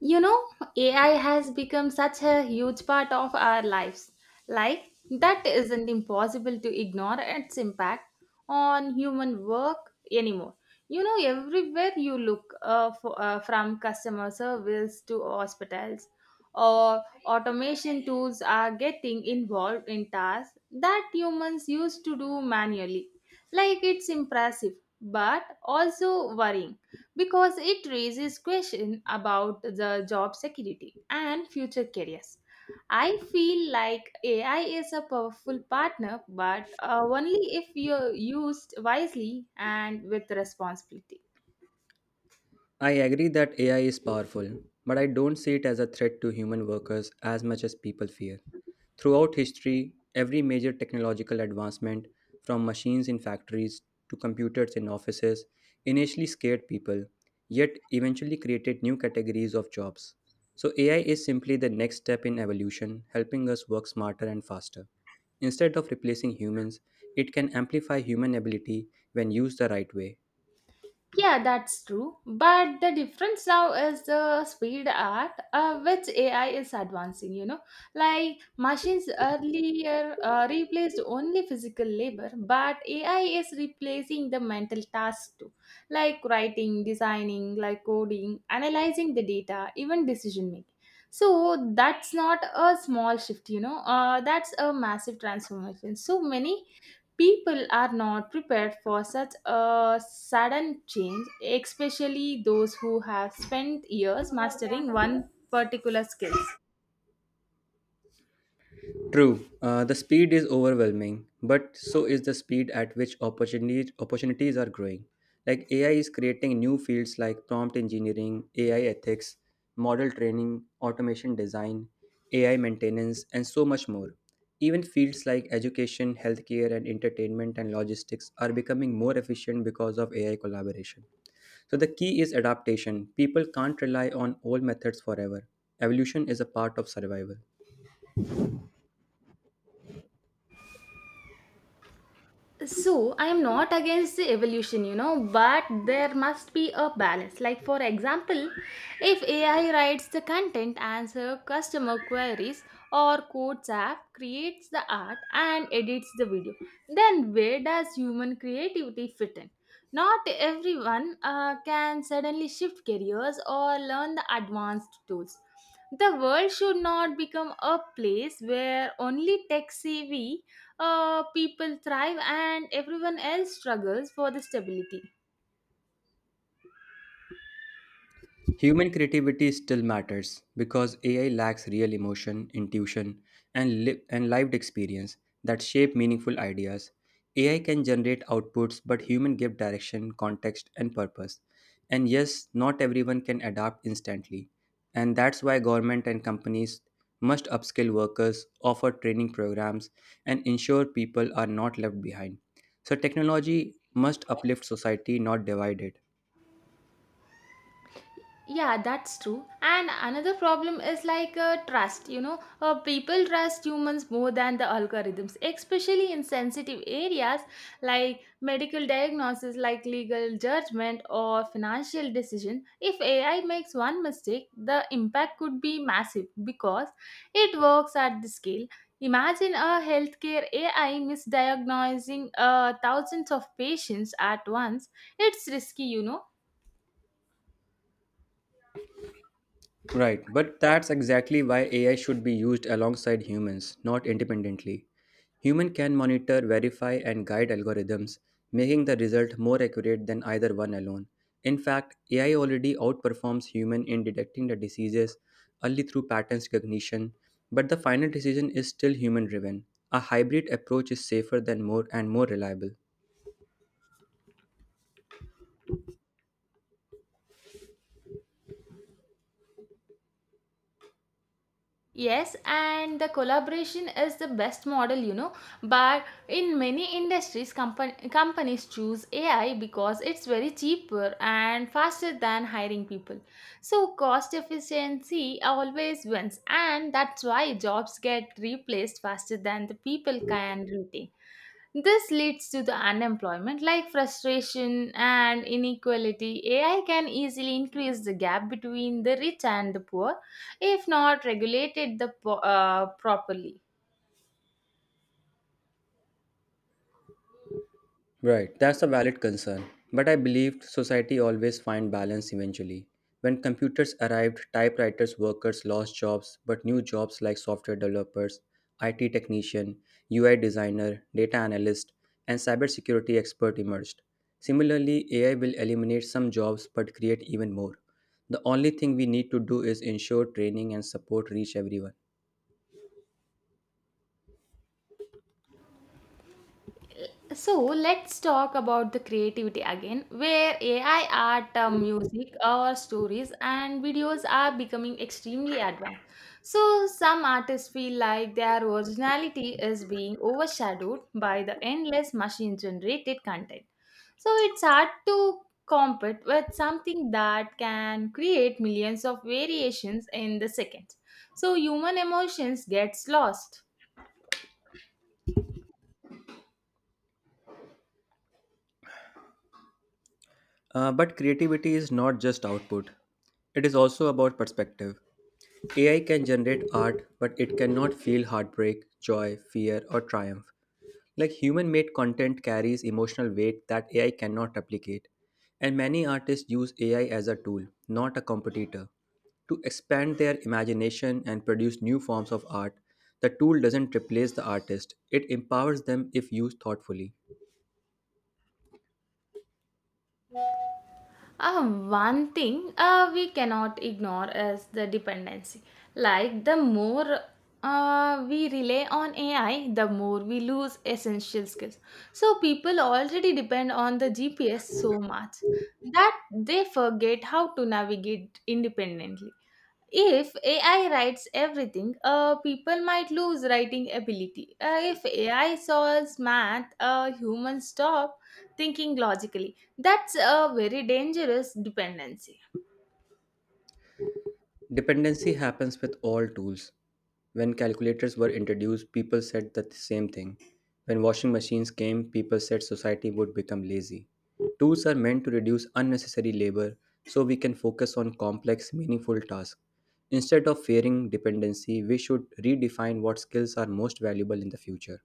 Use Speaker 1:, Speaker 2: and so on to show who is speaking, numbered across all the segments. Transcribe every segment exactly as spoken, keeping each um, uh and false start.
Speaker 1: You know, A I has become such a huge part of our lives. Like, that isn't impossible to ignore its impact on human work anymore. You know, everywhere you look, uh, for, uh, from customer service to hospitals, or automation tools are getting involved in tasks that humans used to do manually. Like it's impressive, but also worrying because it raises questions about the job security and future careers. I feel like A I is a powerful partner, but uh, only if you used wisely and with responsibility.
Speaker 2: I agree that A I is powerful, but I don't see it as a threat to human workers as much as people fear. Throughout history, every major technological advancement, from machines in factories to computers in offices, initially scared people, yet eventually created new categories of jobs. So, A I is simply the next step in evolution, helping us work smarter and faster. Instead of replacing humans, it can amplify human ability when used the right way.
Speaker 1: Yeah, that's true. But the difference now is the speed at uh, which A I is advancing, you know. Like machines earlier uh, replaced only physical labor, but A I is replacing the mental tasks too, like writing, designing, like coding, analyzing the data, even decision making. So that's not a small shift, you know. Uh, that's a massive transformation. So many people are not prepared for such a sudden change, especially those who have spent years mastering one particular skill.
Speaker 2: True, uh, the speed is overwhelming, but so is the speed at which opportunities opportunities are growing. Like A I is creating new fields like prompt engineering, A I ethics, model training, automation design, A I maintenance, and so much more. Even fields like education, healthcare, and entertainment and logistics are becoming more efficient because of A I collaboration. So the key is adaptation. People can't rely on old methods forever. Evolution is a part of survival.
Speaker 1: So I am not against the evolution, you know but there must be a balance. Like, for example, if AI writes the content, answer customer queries, or codes app, creates the art, and edits the video, then where does human creativity fit in? Not everyone uh, can suddenly shift careers or learn the advanced tools. The world should not become a place where only tech savvy uh, people thrive and everyone else struggles for the stability.
Speaker 2: Human creativity still matters because A I lacks real emotion, intuition, and, li- and lived experience that shape meaningful ideas. A I can generate outputs, but human give direction, context, and purpose. And yes, not everyone can adapt instantly. And that's why government and companies must upskill workers, offer training programs, and ensure people are not left behind. So technology must uplift society, not divide it.
Speaker 1: Yeah, that's true. And another problem is like uh, trust, you know uh, people trust humans more than the algorithms, especially in sensitive areas like medical diagnosis, like legal judgment, or financial decision. If AI makes one mistake, the impact could be massive because it works at the scale. Imagine a healthcare AI misdiagnosing uh, thousands of patients at once. It's risky, you know
Speaker 2: Right, but that's exactly why A I should be used alongside humans, not independently. Human can monitor, verify, and guide algorithms, making the result more accurate than either one alone. In fact, A I already outperforms human in detecting the diseases only through patterns recognition, but the final decision is still human driven. A hybrid approach is safer than more and more reliable.
Speaker 1: Yes, and the collaboration is the best model, you know. But in many industries, compa- companies choose A I because it's very cheaper and faster than hiring people. So cost efficiency always wins, and that's why jobs get replaced faster than the people can retain. This leads to the unemployment, like frustration and inequality. A I can easily increase the gap between the rich and the poor if not regulated the po- uh, properly.
Speaker 2: Right, that's a valid concern. But I believed society always find balance eventually. When computers arrived, typewriters workers lost jobs, but new jobs like software developers, I T technician, U I designer, data analyst, and cybersecurity expert emerged. Similarly, A I will eliminate some jobs but create even more. The only thing we need to do is ensure training and support reach everyone.
Speaker 1: So let's talk about the creativity again, where A I art, uh, music, or stories, and videos are becoming extremely advanced. So some artists feel like their originality is being overshadowed by the endless machine generated content. So it's hard to compete with something that can create millions of variations in the second. So human emotions gets lost.
Speaker 2: Uh, but creativity is not just output, it is also about perspective. A I can generate art, but it cannot feel heartbreak, joy, fear, or triumph. Like human made content carries emotional weight that A I cannot replicate. And many artists use A I as a tool, not a competitor, to expand their imagination and produce new forms of art. The tool doesn't replace the artist, it empowers them if used thoughtfully.
Speaker 1: Uh, one thing uh, we cannot ignore is the dependency. Like, the more uh, we rely on A I, the more we lose essential skills. So people already depend on the G P S so much that they forget how to navigate independently. If A I writes everything, uh, people might lose writing ability. Uh, if A I solves math, uh, humans stop thinking logically. That's a very dangerous dependency.
Speaker 2: Dependency happens with all tools. When calculators were introduced, people said the same thing. When washing machines came, people said society would become lazy. Tools are meant to reduce unnecessary labor so we can focus on complex, meaningful tasks. Instead of fearing dependency, we should redefine what skills are most valuable in the future.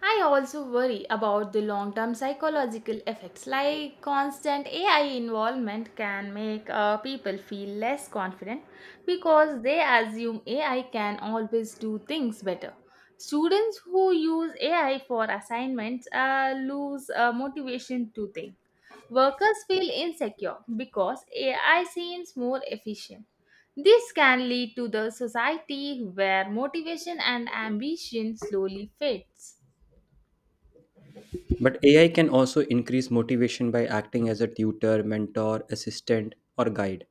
Speaker 1: I also worry about the long term psychological effects. Like constant A I involvement can make uh, people feel less confident because they assume A I can always do things better. Students who use A I for assignments uh, lose uh, motivation to think. Workers feel insecure because A I seems more efficient. This can lead to the society where motivation and ambition slowly fades.
Speaker 2: But A I can also increase motivation by acting as a tutor, mentor, assistant, or guide.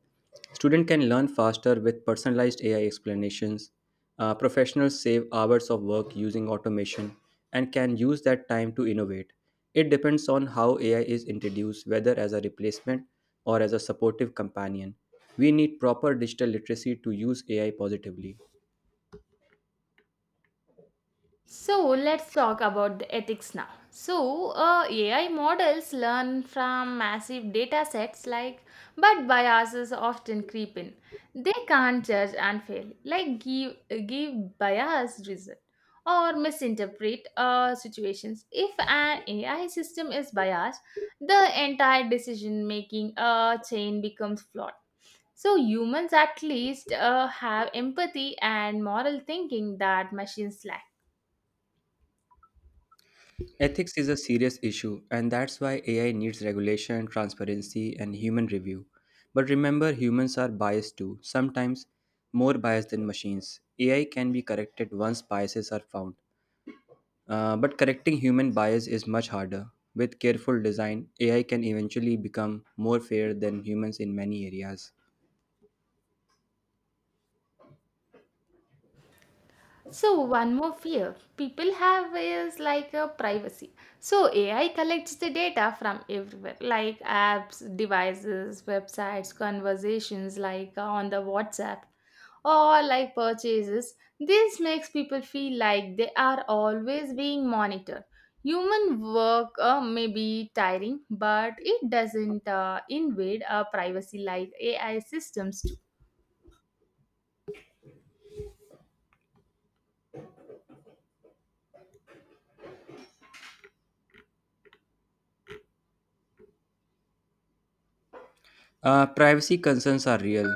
Speaker 2: Student can learn faster with personalized A I explanations. Uh, professionals save hours of work using automation and can use that time to innovate. It depends on how A I is introduced, whether as a replacement or as a supportive companion. We need proper digital literacy to use A I positively.
Speaker 1: So let's talk about the ethics now. So uh, A I models learn from massive data sets, like but biases often creep in. They can't judge and fail, like give give biased result or misinterpret uh, situations. If an A I system is biased, the entire decision making uh, chain becomes flawed. So humans at least uh, have empathy and moral thinking that machines lack.
Speaker 2: Ethics is a serious issue, and that's why A I needs regulation, transparency, and human review. But remember, humans are biased too, sometimes more biased than machines. A I can be corrected once biases are found. Uh, but correcting human bias is much harder. With careful design, A I can eventually become more fair than humans in many areas.
Speaker 1: So one more fear people have is like a privacy. So A I collects the data from everywhere, like apps, devices, websites, conversations, like uh, on the WhatsApp or like purchases. This makes people feel like they are always being monitored. Human work uh, may be tiring, but it doesn't uh, invade our privacy like A I systems do.
Speaker 2: Uh, privacy concerns are real,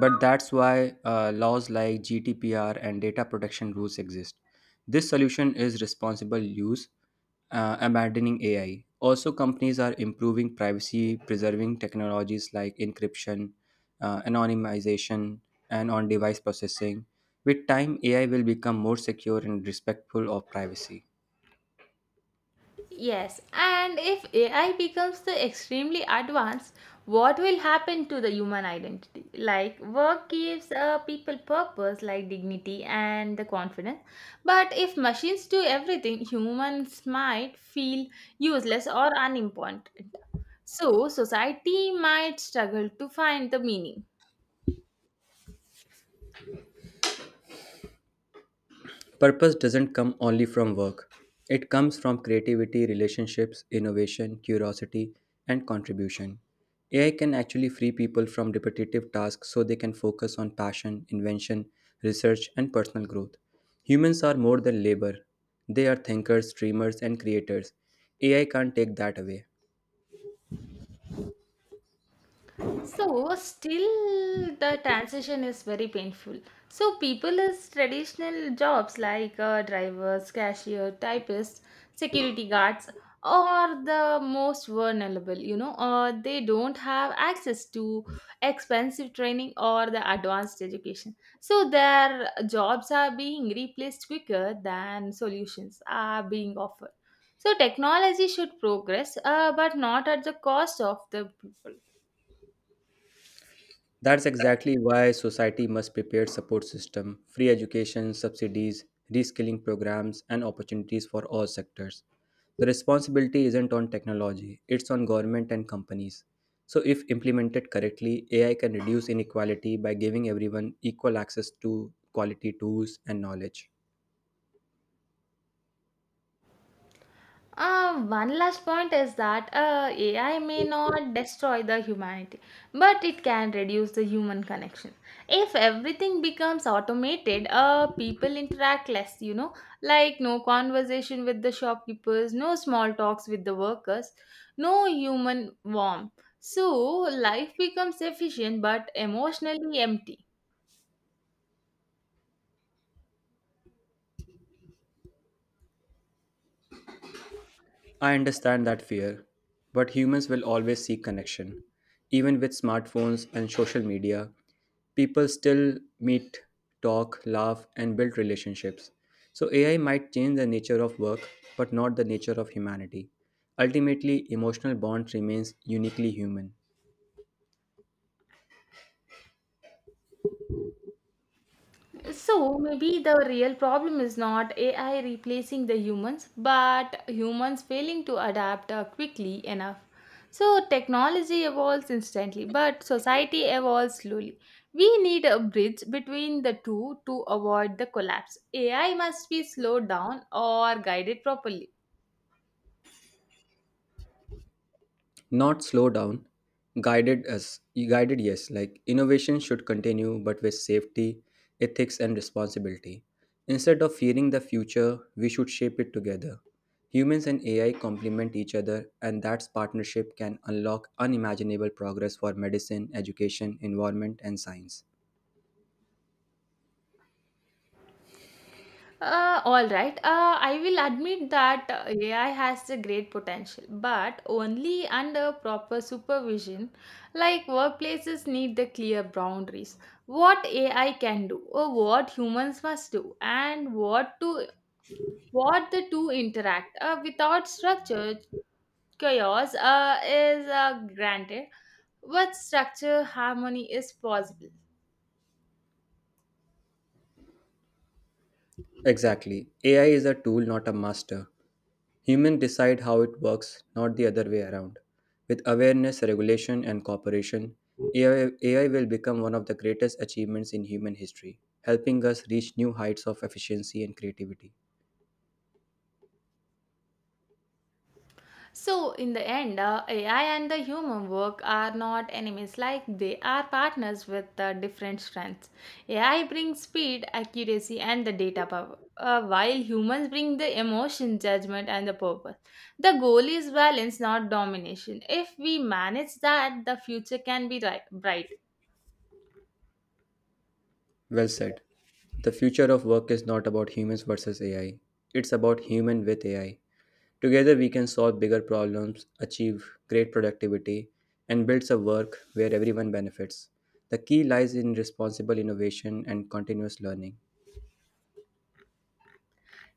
Speaker 2: but that's why uh, laws like G D P R and data protection rules exist. This solution is responsible use, uh, abandoning A I. Also, companies are improving privacy preserving technologies like encryption, uh, anonymization, and on device processing. With time, A I will become more secure and respectful of privacy.
Speaker 1: Yes, and if A I becomes the extremely advanced, what will happen to the human identity? Like work gives uh, people purpose, like dignity and the confidence. But if machines do everything, humans might feel useless or unimportant. So society might struggle to find the meaning.
Speaker 2: Purpose doesn't come only from work, it comes from creativity, relationships, innovation, curiosity, and contribution. A I can actually free people from repetitive tasks so they can focus on passion, invention, research, and personal growth. Humans are more than labor, they are thinkers, dreamers, and creators. A I can't take that away.
Speaker 1: So still the transition is very painful. So people is traditional jobs, like uh, drivers, cashier, typists, security guards are the most vulnerable, you know, or they don't have access to expensive training or the advanced education. So their jobs are being replaced quicker than solutions are being offered. So technology should progress, uh, but not at the cost of the people.
Speaker 2: That's exactly why society must prepare support system, free education, subsidies, reskilling programs and opportunities for all sectors. The responsibility isn't on technology, it's on government and companies. So if implemented correctly, A I can reduce inequality by giving everyone equal access to quality tools and knowledge.
Speaker 1: Uh, one last point is that uh, A I may not destroy the humanity, but it can reduce the human connection. If everything becomes automated, uh, people interact less, you know, like no conversation with the shopkeepers, no small talks with the workers, no human warmth. So life becomes efficient but emotionally empty.
Speaker 2: I understand that fear, but humans will always seek connection. Even with smartphones and social media, people still meet, talk, laugh, and build relationships. So A I might change the nature of work, but not the nature of humanity. Ultimately, emotional bond remains uniquely human.
Speaker 1: So maybe the real problem is not A I replacing the humans, but humans failing to adapt uh, quickly enough. So technology evolves instantly, but society evolves slowly. We need a bridge between the two to avoid the collapse. A I must be slowed down or guided properly.
Speaker 2: Not slow down, guided us, guided, yes. Like, innovation should continue but with safety, ethics, and responsibility. Instead of fearing the future, we should shape it together. Humans and AI complement each other, and that partnership can unlock unimaginable progress for medicine, education, environment, and science.
Speaker 1: Uh, all right. Uh, I will admit that uh, A I has a great potential, but only under proper supervision. Like workplaces need the clear boundaries. What A I can do, or what humans must do, and what to what the two interact. Uh, without structure, chaos uh, is uh, granted. With structure, harmony is possible.
Speaker 2: Exactly, AI is a tool, not a master. Humans decide how it works, not the other way around. With awareness, regulation, and cooperation, A I will become one of the greatest achievements in human history, helping us reach new heights of efficiency and creativity.
Speaker 1: So in the end, uh, A I and the human work are not enemies, like they are partners with uh, different strengths. A I brings speed, accuracy, and the data power, uh, while humans bring the emotion, judgment, and the purpose. The goal is balance, not domination. If we manage that, the future can be ri- bright.
Speaker 2: Well said. The future of work is not about humans versus A I, it's about human with A I. Together, we can solve bigger problems, achieve great productivity, and build a work where everyone benefits. The key lies in responsible innovation and continuous learning.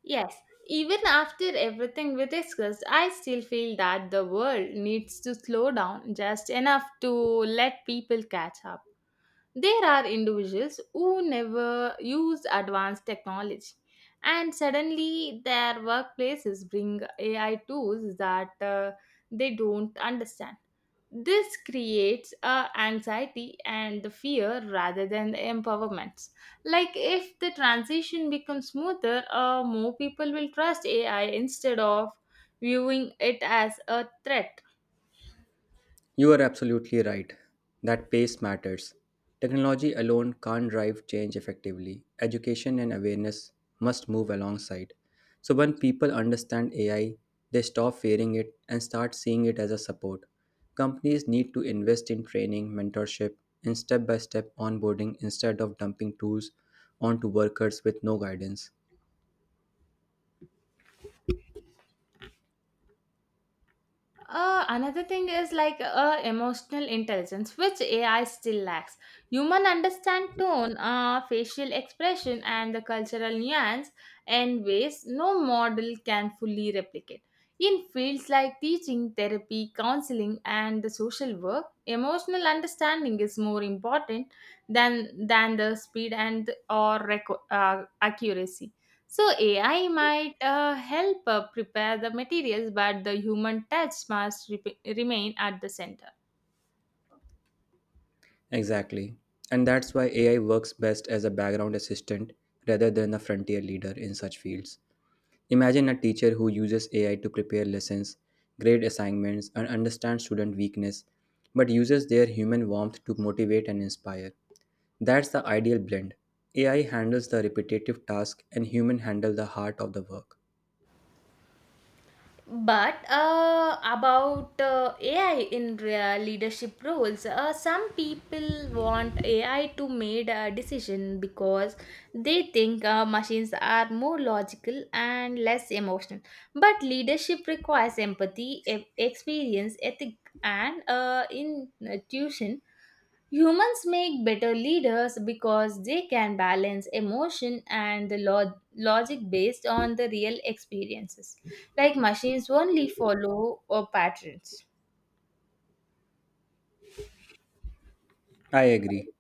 Speaker 1: Yes, even after everything we discussed, I still feel that the world needs to slow down just enough to let people catch up. There are individuals who never used advanced technology, and suddenly their workplaces bring A I tools that uh, they don't understand. This creates uh, anxiety and the fear rather than the empowerment. Like if the transition becomes smoother, uh, more people will trust A I instead of viewing it as a threat.
Speaker 2: You are absolutely right that pace matters. Technology alone can't drive change effectively. Education and awareness must move alongside. So, when people understand A I, they stop fearing it and start seeing it as a support. Companies need to invest in training, mentorship, and step by step onboarding instead of dumping tools onto workers with no guidance.
Speaker 1: Uh, another thing is like uh, emotional intelligence, which A I still lacks. Human understand tone, uh, facial expression, and the cultural nuance in ways no model can fully replicate. In fields like teaching, therapy, counseling, and the social work, emotional understanding is more important than than the speed and or reco- uh, accuracy. So A I might uh, help uh, prepare the materials, but the human touch must rep- remain at the center.
Speaker 2: Exactly. And that's why A I works best as a background assistant rather than a frontier leader in such fields. Imagine a teacher who uses A I to prepare lessons, grade assignments, and understand student weakness, but uses their human warmth to motivate and inspire. That's the ideal blend. A I handles the repetitive task and human handle the heart of the work.
Speaker 1: But uh, about uh, A I in re- leadership roles, uh, some people want A I to make a decision because they think uh, machines are more logical and less emotional. But leadership requires empathy, e- experience, ethic, and uh, intuition. Humans make better leaders because they can balance emotion and the lo- logic based on the real experiences. Like machines only follow or patterns.
Speaker 2: I agree.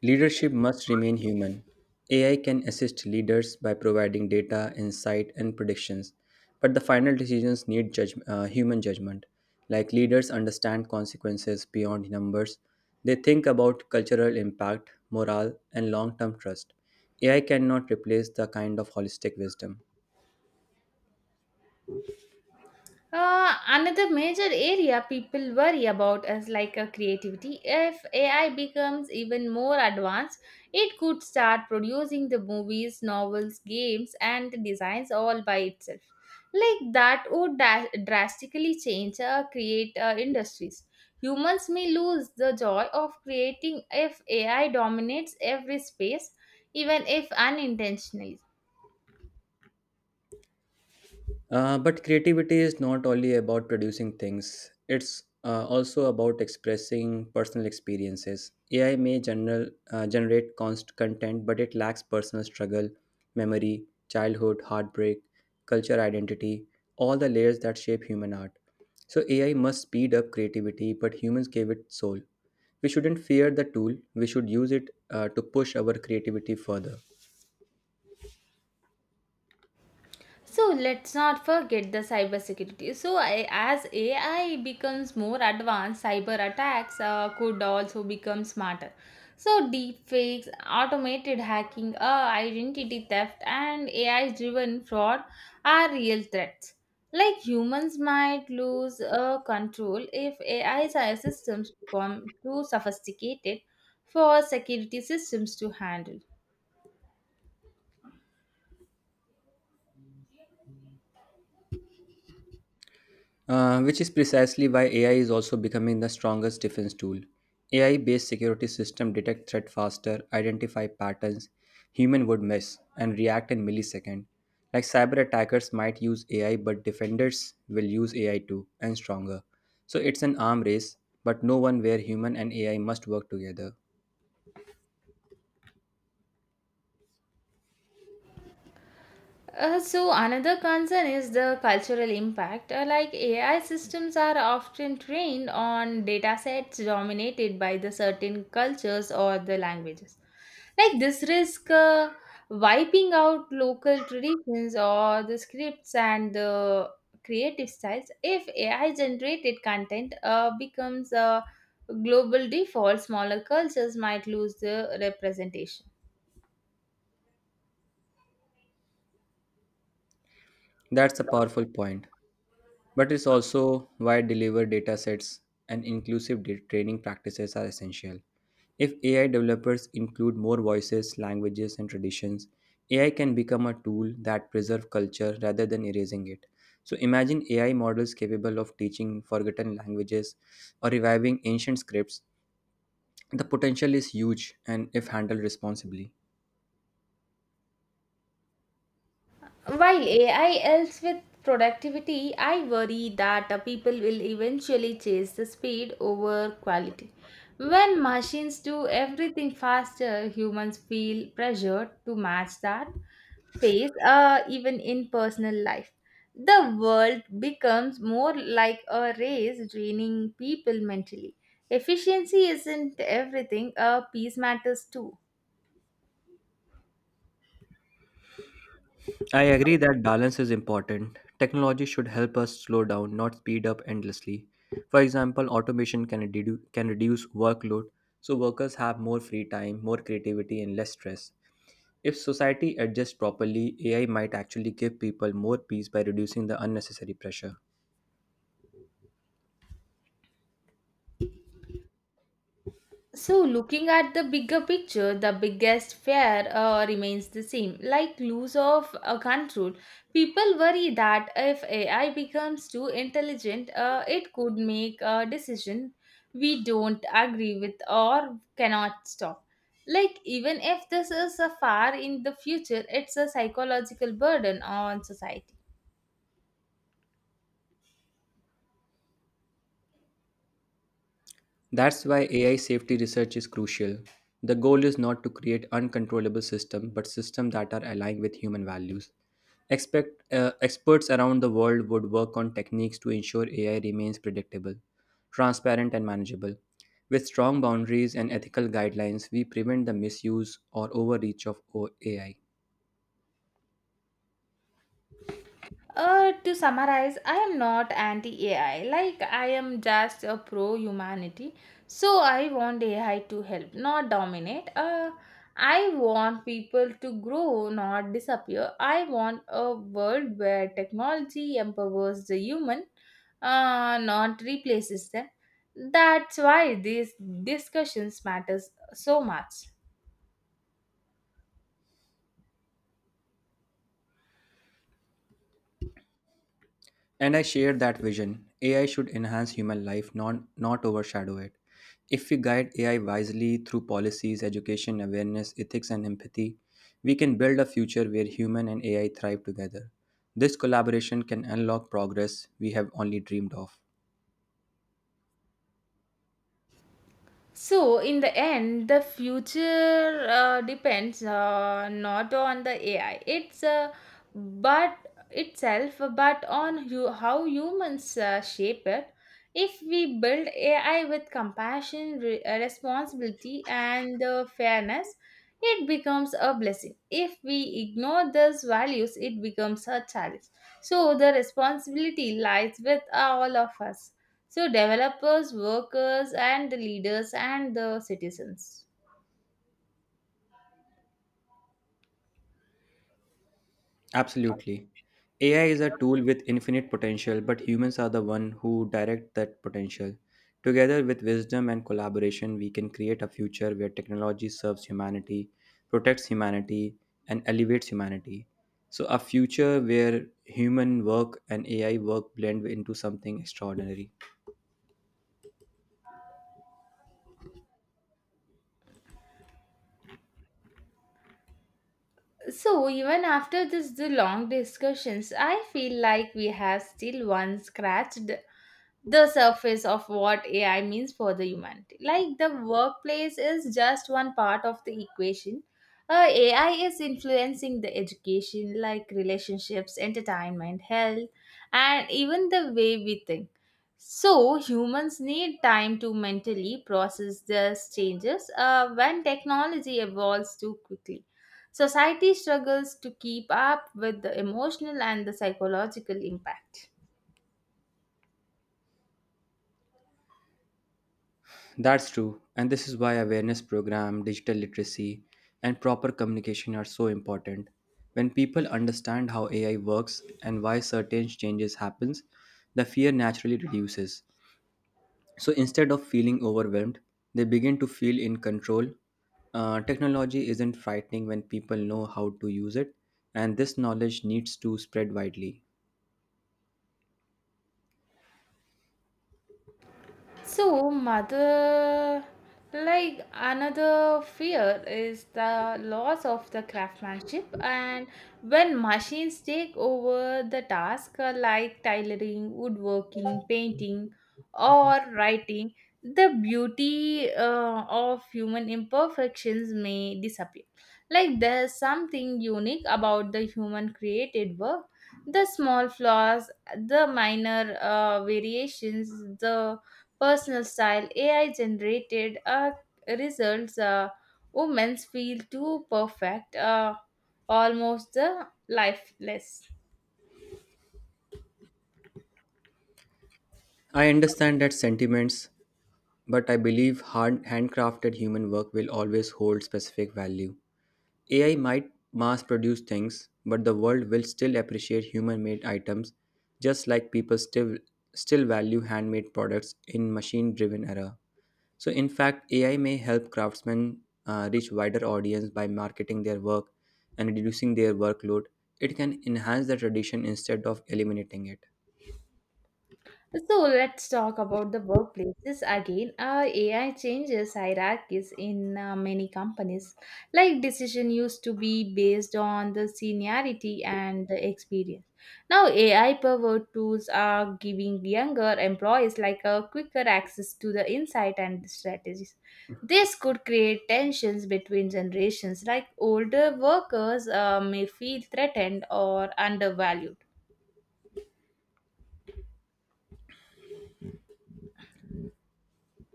Speaker 2: Leadership must remain human. A I can assist leaders by providing data, insight, and predictions, but the final decisions need judg- uh, human judgment. Like leaders understand consequences beyond numbers, they think about cultural impact, morale, and long term trust. A I cannot replace the kind of holistic wisdom.
Speaker 1: Uh, another major area people worry about is like a creativity. If A I becomes even more advanced, it could start producing the movies, novels, games, and the designs all by itself. Like that would da- drastically change uh, create uh, industries. Humans may lose the joy of creating if A I dominates every space, even if unintentionally.
Speaker 2: Uh, but creativity is not only about producing things, it's uh, also about expressing personal experiences. A I may general, uh, generate const content, but it lacks personal struggle, memory, childhood, heartbreak, culture identity, all the layers that shape human art. So A I must speed up creativity, but humans gave it soul. We shouldn't fear the tool, we should use it uh, to push our creativity further.
Speaker 1: So let's not forget the cybersecurity. So I, as A I becomes more advanced, cyber attacks uh, could also become smarter. So deepfakes, automated hacking, uh, identity theft, and A I-driven fraud are real threats. Like humans might lose uh, control if A I systems become too sophisticated for security systems to handle.
Speaker 2: Uh, which is precisely why A I is also becoming the strongest defense tool. A I based security systems detect threat faster, identify patterns human would miss, and react in milliseconds. Like cyber attackers might use A I, but defenders will use A I too, and stronger. So it's an arm race, but no one where human and A I must work together.
Speaker 1: Uh, so another concern is the cultural impact. Uh, like A I systems are often trained on data sets dominated by the certain cultures or the languages. Like this risk uh, wiping out local traditions or the scripts and the creative styles. If A I generated content uh, becomes a global default, smaller cultures might lose the representation.
Speaker 2: That's a powerful point, but it's also why deliver data sets and inclusive da- training practices are essential. If A I developers include more voices, languages, and traditions, A I can become a tool that preserves culture rather than erasing it. So imagine A I models capable of teaching forgotten languages or reviving ancient scripts. The potential is huge and if handled responsibly.
Speaker 1: While A I helps with productivity, I worry that uh, people will eventually chase the speed over quality. When machines do everything faster, humans feel pressured to match that phase, uh, even in personal life. The world becomes more like a race, draining people mentally. Efficiency isn't everything, uh, peace matters too.
Speaker 2: I agree that balance is important. Technology should help us slow down, not speed up endlessly. For example, automation can, redu- can reduce workload so workers have more free time, more creativity, and less stress. If society adjusts properly, A I might actually give people more peace by reducing the unnecessary pressure.
Speaker 1: So looking at the bigger picture, the biggest fear uh, remains the same. Like loss of uh, control, people worry that if A I becomes too intelligent, uh, it could make a decision we don't agree with or cannot stop. Like even if this is a far in the future, it's a psychological burden on society.
Speaker 2: That's why A I safety research is crucial. The goal is not to create uncontrollable systems, but systems that are aligned with human values. Expect, uh, experts around the world would work on techniques to ensure A I remains predictable, transparent, and manageable. With strong boundaries and ethical guidelines, we prevent the misuse or overreach of O- A I.
Speaker 1: Uh, to summarize, I am not anti A I. Like, I am just a pro humanity. So I want A I to help, not dominate. Uh, I want people to grow, not disappear. I want a world where technology empowers the human, uh, not replaces them. That's why these discussions matters so much.
Speaker 2: And I share that vision. A I should enhance human life, not, not overshadow it. If we guide A I wisely through policies, education, awareness, ethics, and empathy, we can build a future where human and A I thrive together. This collaboration can unlock progress we have only dreamed of.
Speaker 1: So, in the end, the future uh, depends uh, not on the A I. It's uh, but itself, uh, but on you, how humans uh, shape it. If we build A I with compassion, re- uh, responsibility, and uh, fairness, it becomes a blessing. If we ignore these values, it becomes a challenge. So, the responsibility lies with all of us. So, developers, workers, and the leaders and the citizens.
Speaker 2: Absolutely. A I is a tool with infinite potential, but humans are the one who direct that potential. Together with wisdom and collaboration, we can create a future where technology serves humanity, protects humanity, and elevates humanity. So a future where human work and A I work blend into something extraordinary.
Speaker 1: So, even after this the long discussions, I feel like we have still one scratched the surface of what A I means for the humanity. Like, the workplace is just one part of the equation. Uh, A I is influencing the education, like relationships, entertainment, health, and even the way we think. So, humans need time to mentally process these changes uh, when technology evolves too quickly. Society struggles to keep up with the emotional and the psychological impact.
Speaker 2: That's true, and this is why awareness program, digital literacy, and proper communication are so important. When people understand how A I works and why certain changes happens, the fear naturally reduces. So instead of feeling overwhelmed, they begin to feel in control. Uh, technology isn't frightening when people know how to use it, and this knowledge needs to spread widely.
Speaker 1: So, mother, like another fear is the loss of the craftsmanship, and when machines take over the task uh, like tailoring, woodworking, painting, or writing, the beauty uh, of human imperfections may disappear. Like, there's something unique about the human created work. The small flaws, the minor uh, variations, the personal style, A I generated uh, results, uh, women feel too perfect, uh, almost uh, lifeless.
Speaker 2: I understand that sentiments, but I believe hard, handcrafted human work will always hold specific value. A I might mass produce things, but the world will still appreciate human made items just like people still still value handmade products in machine driven era. So in fact, A I may help craftsmen uh, reach wider audience by marketing their work and reducing their workload. It can enhance the tradition instead of eliminating it.
Speaker 1: So let's talk about the workplaces again. Uh, A I changes hierarchies in uh, many companies. Like, decision used to be based on the seniority and the experience. Now A I powered tools are giving younger employees like a quicker access to the insight and the strategies. This could create tensions between generations. Like, older workers uh, may feel threatened or undervalued.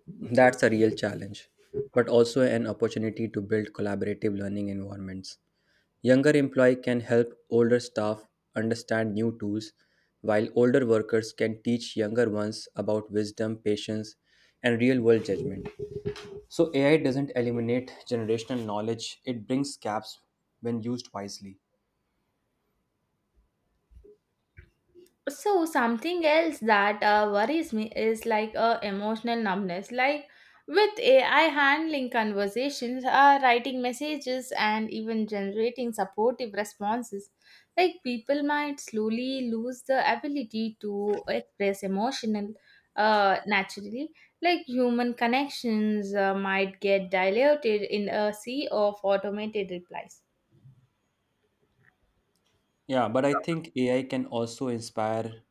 Speaker 2: That's a real challenge, but also an opportunity to build collaborative learning environments. Younger employees can help older staff understand new tools, while older workers can teach younger ones about wisdom, patience, and real world judgment. So, A I doesn't eliminate generational knowledge, it brings gaps when used wisely.
Speaker 1: So something else that uh, worries me is like a emotional numbness, like with AI handling conversations, uh, writing messages and even generating supportive responses, like people might slowly lose the ability to express emotional uh, naturally. Like, human connections uh, might get diluted in a sea of automated replies.
Speaker 2: Yeah, but I think A I can also inspire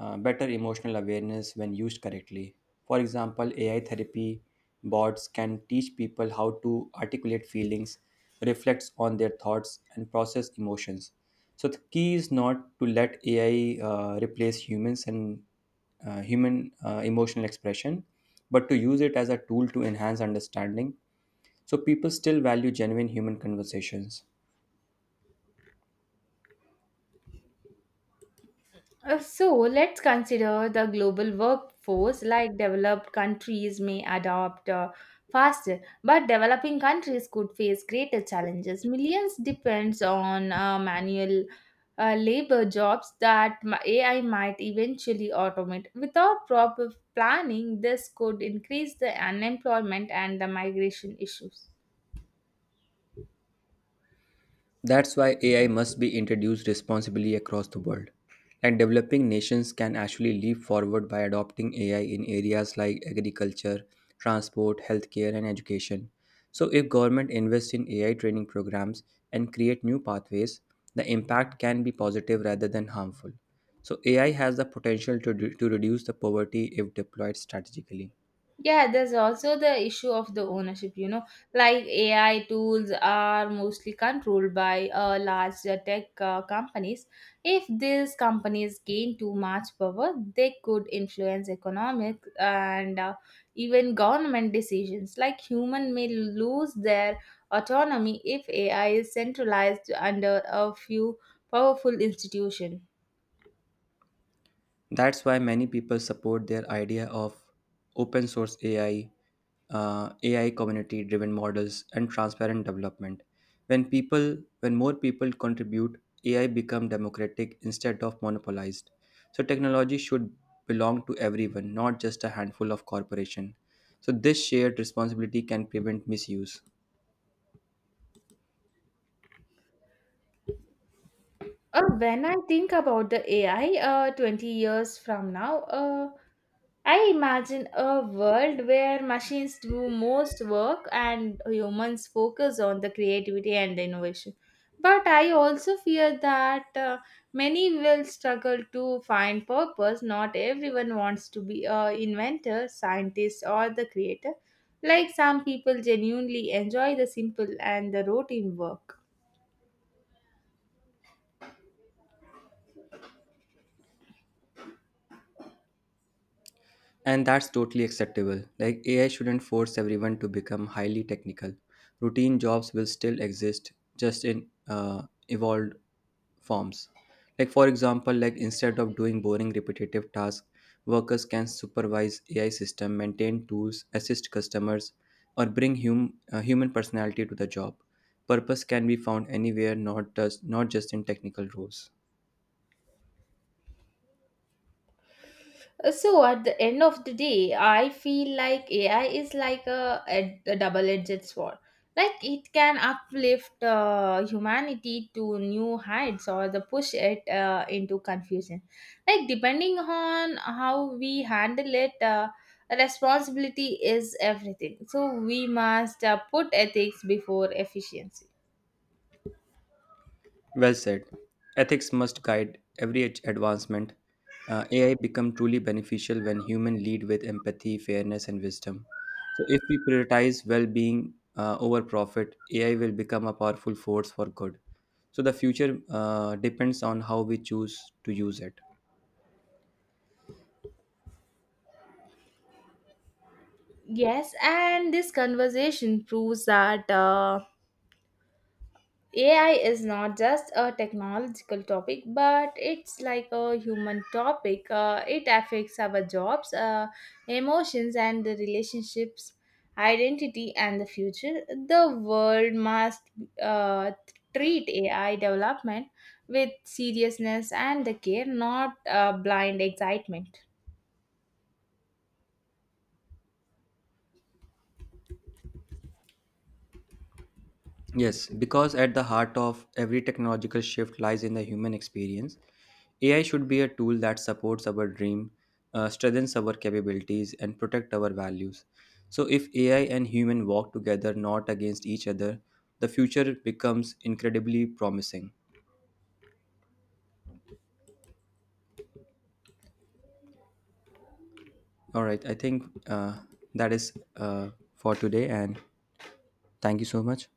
Speaker 2: uh, better emotional awareness when used correctly. For example, A I therapy bots can teach people how to articulate feelings, reflect on their thoughts, and process emotions. So the key is not to let A I uh, replace humans and uh, human uh, emotional expression, but to use it as a tool to enhance understanding so people still value genuine human conversations.
Speaker 1: Uh, So let's consider the global workforce. Like, developed countries may adopt uh, faster, but developing countries could face greater challenges. Millions depends on uh, manual uh, labor jobs that m- A I might eventually automate. Without proper planning, this could increase the unemployment and the migration issues.
Speaker 2: That's why A I must be introduced responsibly across the world. And developing nations can actually leap forward by adopting A I in areas like agriculture, transport, healthcare, and education. So, if government invests in A I training programs and create new pathways, the impact can be positive rather than harmful. So, A I has the potential to, re- to reduce the poverty if deployed strategically.
Speaker 1: Yeah, there's also the issue of the ownership, you know, like A I tools are mostly controlled by uh, large uh, tech uh, companies. If these companies gain too much power, they could influence economic and uh, even government decisions. Like, human may lose their autonomy if A I is centralized under a few powerful institutions.
Speaker 2: That's why many people support their idea of open source A I uh, A I community driven models and transparent development. When people when more people contribute, A I become democratic instead of monopolized. So technology should belong to everyone, not just a handful of corporation. So this shared responsibility can prevent misuse.
Speaker 1: Uh, when I think about the A I uh, twenty years from now, uh, I imagine a world where machines do most work and humans focus on the creativity and innovation. But I also fear that uh, many will struggle to find purpose. Not everyone wants to be a inventor, scientist, or the creator. Like, some people genuinely enjoy the simple and the routine work.
Speaker 2: And that's totally acceptable. Like A I shouldn't force everyone to become highly technical. Routine jobs will still exist, just in uh, evolved forms. Like for example, like instead of doing boring repetitive tasks, workers can supervise A I system, maintain tools, assist customers, or bring hum- uh, human personality to the job. Purpose can be found anywhere, not just not just in technical roles.
Speaker 1: Uh, So at the end of the day, I feel like A I is like a, a, a double-edged sword. Like, it can uplift uh, humanity to new heights or the push it uh, into confusion. Like, depending on how we handle it, uh, responsibility is everything. So we must uh, put ethics before efficiency.
Speaker 2: Well said. Ethics must guide every ad- advancement. Uh, A I become truly beneficial when human lead with empathy, fairness, and wisdom. So, if we prioritize well-being uh, over profit, A I will become a powerful force for good. So, the future uh, depends on how we choose to use it.
Speaker 1: Yes, and this conversation proves that. Uh, A I is not just a technological topic, but it's like a human topic. Uh, it affects our jobs, uh, emotions, and the relationships, identity, and the future. The world must uh, treat A I development with seriousness and the care, not uh, blind excitement.
Speaker 2: Yes, because at the heart of every technological shift lies in the human experience. A I should be a tool that supports our dream, uh, strengthens our capabilities, and protect our values. So, if A I and human walk together, not against each other, the future becomes incredibly promising. All right, I think uh, that is uh, for today, and thank you so much.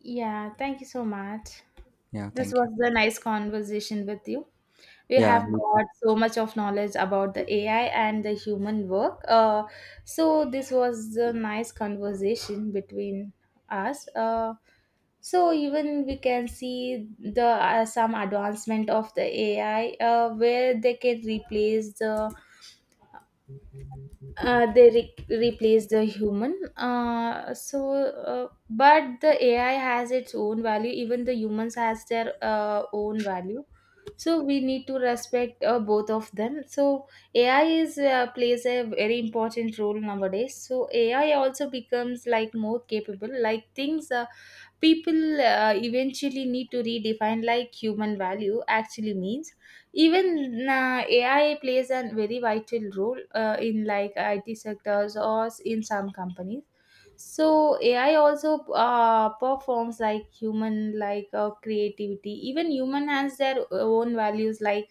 Speaker 1: Yeah, thank you so much.
Speaker 2: Yeah,
Speaker 1: This
Speaker 2: thank you.
Speaker 1: was a nice conversation with you. We
Speaker 2: Yeah,
Speaker 1: have
Speaker 2: me too.
Speaker 1: got so much of knowledge about the A I and the human work. Uh, so this was a nice conversation between us. Uh, so even we can see the uh, some advancement of the A I uh, where they can replace the uh, they re- replace the human, uh, so uh, but the AI has its own value, even the humans has their uh, own value, so we need to respect uh, both of them. So A I is uh, plays a very important role nowadays. So A I also becomes like more capable, like things, uh, people uh, eventually need to redefine like human value actually means. Even uh, A I plays a very vital role uh, in like I T sectors or s- in some companies. So AI also uh, performs like human like uh, creativity. Even human has their own values like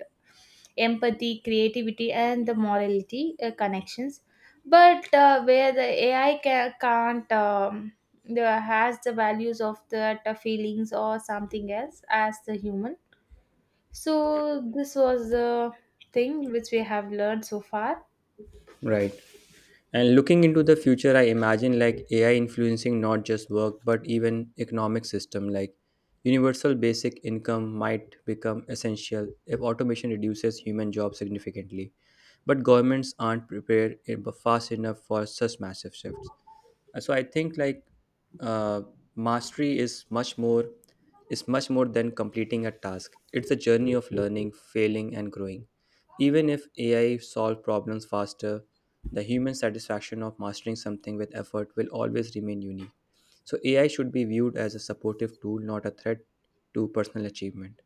Speaker 1: empathy, creativity, and the morality uh, connections. But uh, where the A I ca- can't, um, the, has the values of the the feelings or something else as the human. So this was the thing which we have learned so far.
Speaker 2: Right. And looking into the future, I imagine like A I influencing not just work but even economic system like universal basic income might become essential if automation reduces human jobs significantly. But governments aren't prepared eh, fast enough for such massive shifts. Uh, so I think like uh, mastery is much more is much more than completing a task. It's a journey of learning, failing, and growing. Even if ai solve problems faster, the human satisfaction of mastering something with effort will always remain unique. So ai should be viewed as a supportive tool, not a threat to personal achievement.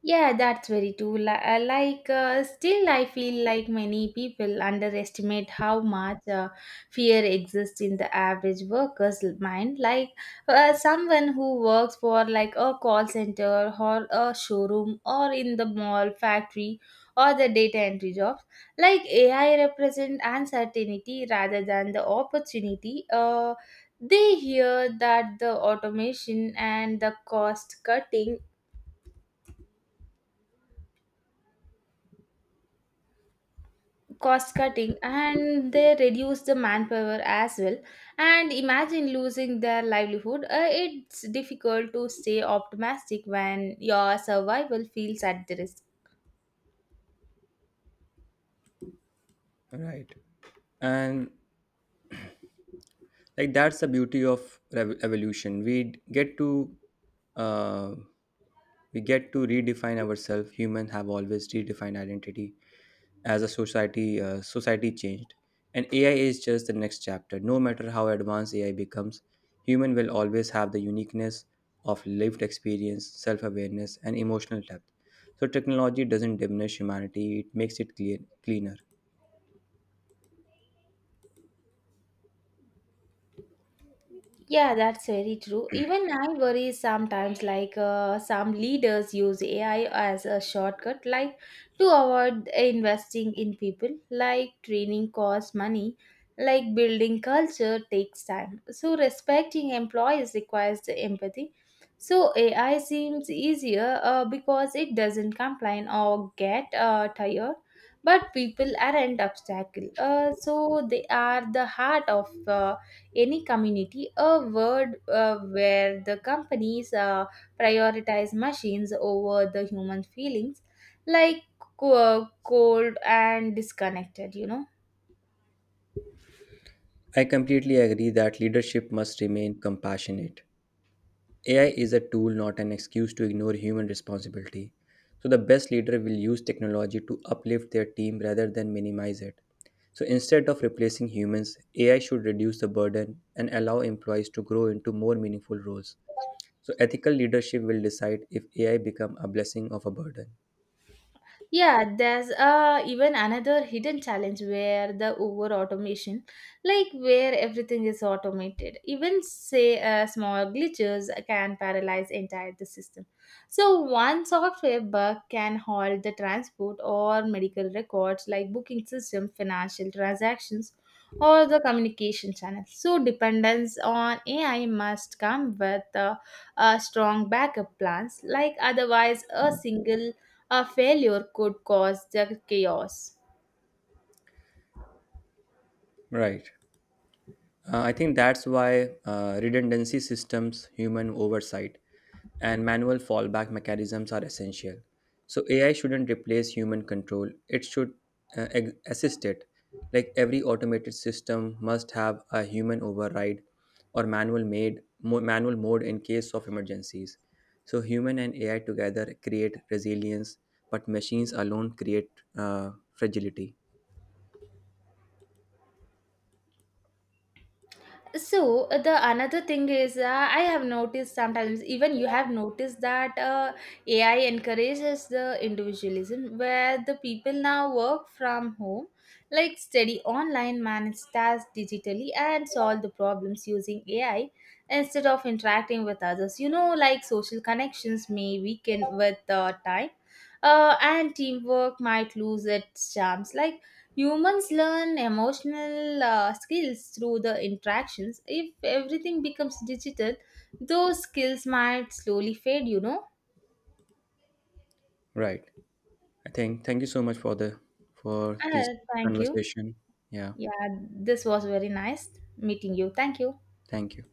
Speaker 1: Yeah, that's very true. Li- uh, Like, uh, still, I feel like many people underestimate how much uh, fear exists in the average worker's mind. Like, uh, someone who works for like a call center or a showroom or in the mall, factory, or the data entry jobs, like A I represent uncertainty rather than the opportunity. Uh, they hear that the automation and the cost cutting cost cutting and they reduce the manpower as well, and imagine losing their livelihood. Uh, it's difficult to stay optimistic when your survival feels at the risk.
Speaker 2: Right. And like that's the beauty of rev- evolution. we d- get to uh, We get to redefine ourselves. Humans have always redefined identity as a society uh, society changed, and ai is just the next chapter. No matter how advanced ai becomes, human will always have the uniqueness of lived experience, self-awareness, and emotional depth. So technology doesn't diminish humanity, it makes it clear, cleaner.
Speaker 1: Yeah, that's very true. Even I worry sometimes, like uh, some leaders use A I as a shortcut, like to avoid investing in people, like training costs money, like building culture takes time. So, respecting employees requires the empathy. So, A I seems easier uh, because it doesn't complain or get uh, tired, but people aren't obstacle. Uh, so, they are the heart of. Uh, any community a world uh, where the companies uh, prioritize machines over the human feelings, like co- uh, cold and disconnected, you know.
Speaker 2: I completely agree that leadership must remain compassionate. A I is a tool, not an excuse to ignore human responsibility. So, the best leader will use technology to uplift their team rather than minimize it. So, instead of replacing humans, A I should reduce the burden and allow employees to grow into more meaningful roles. So, ethical leadership will decide if A I become a blessing of a burden.
Speaker 1: Yeah, there's uh, even another hidden challenge where the over automation, like where everything is automated, even say uh, small glitches can paralyze entire the system. So one software bug can halt the transport or medical records, like booking system, financial transactions, or the communication channels. So dependence on A I must come with uh, uh, strong backup plans, like otherwise a single a failure could cause the chaos.
Speaker 2: Right. Uh, I think that's why uh, redundancy systems, human oversight, and manual fallback mechanisms are essential. So A I shouldn't replace human control; it should uh, ex- assist it. Like every automated system must have a human override or manual made mo- manual mode in case of emergencies. So human and A I together create resilience, but machines alone create uh, fragility.
Speaker 1: So the another thing is, uh, I have noticed sometimes, even you have noticed that uh, AI encourages the individualism where the people now work from home, like study online, manage tasks digitally and solve the problems using A I instead of interacting with others, you know. Like, social connections may weaken with uh, time, uh, and teamwork might lose its charms. Like, humans learn emotional uh, skills through the interactions. If everything becomes digital, those skills might slowly fade, you know.
Speaker 2: Right. I think thank you so much for the for this
Speaker 1: Uh, thank you.
Speaker 2: conversation. Yeah,
Speaker 1: Yeah, this was very nice meeting you. Thank you.
Speaker 2: thank you.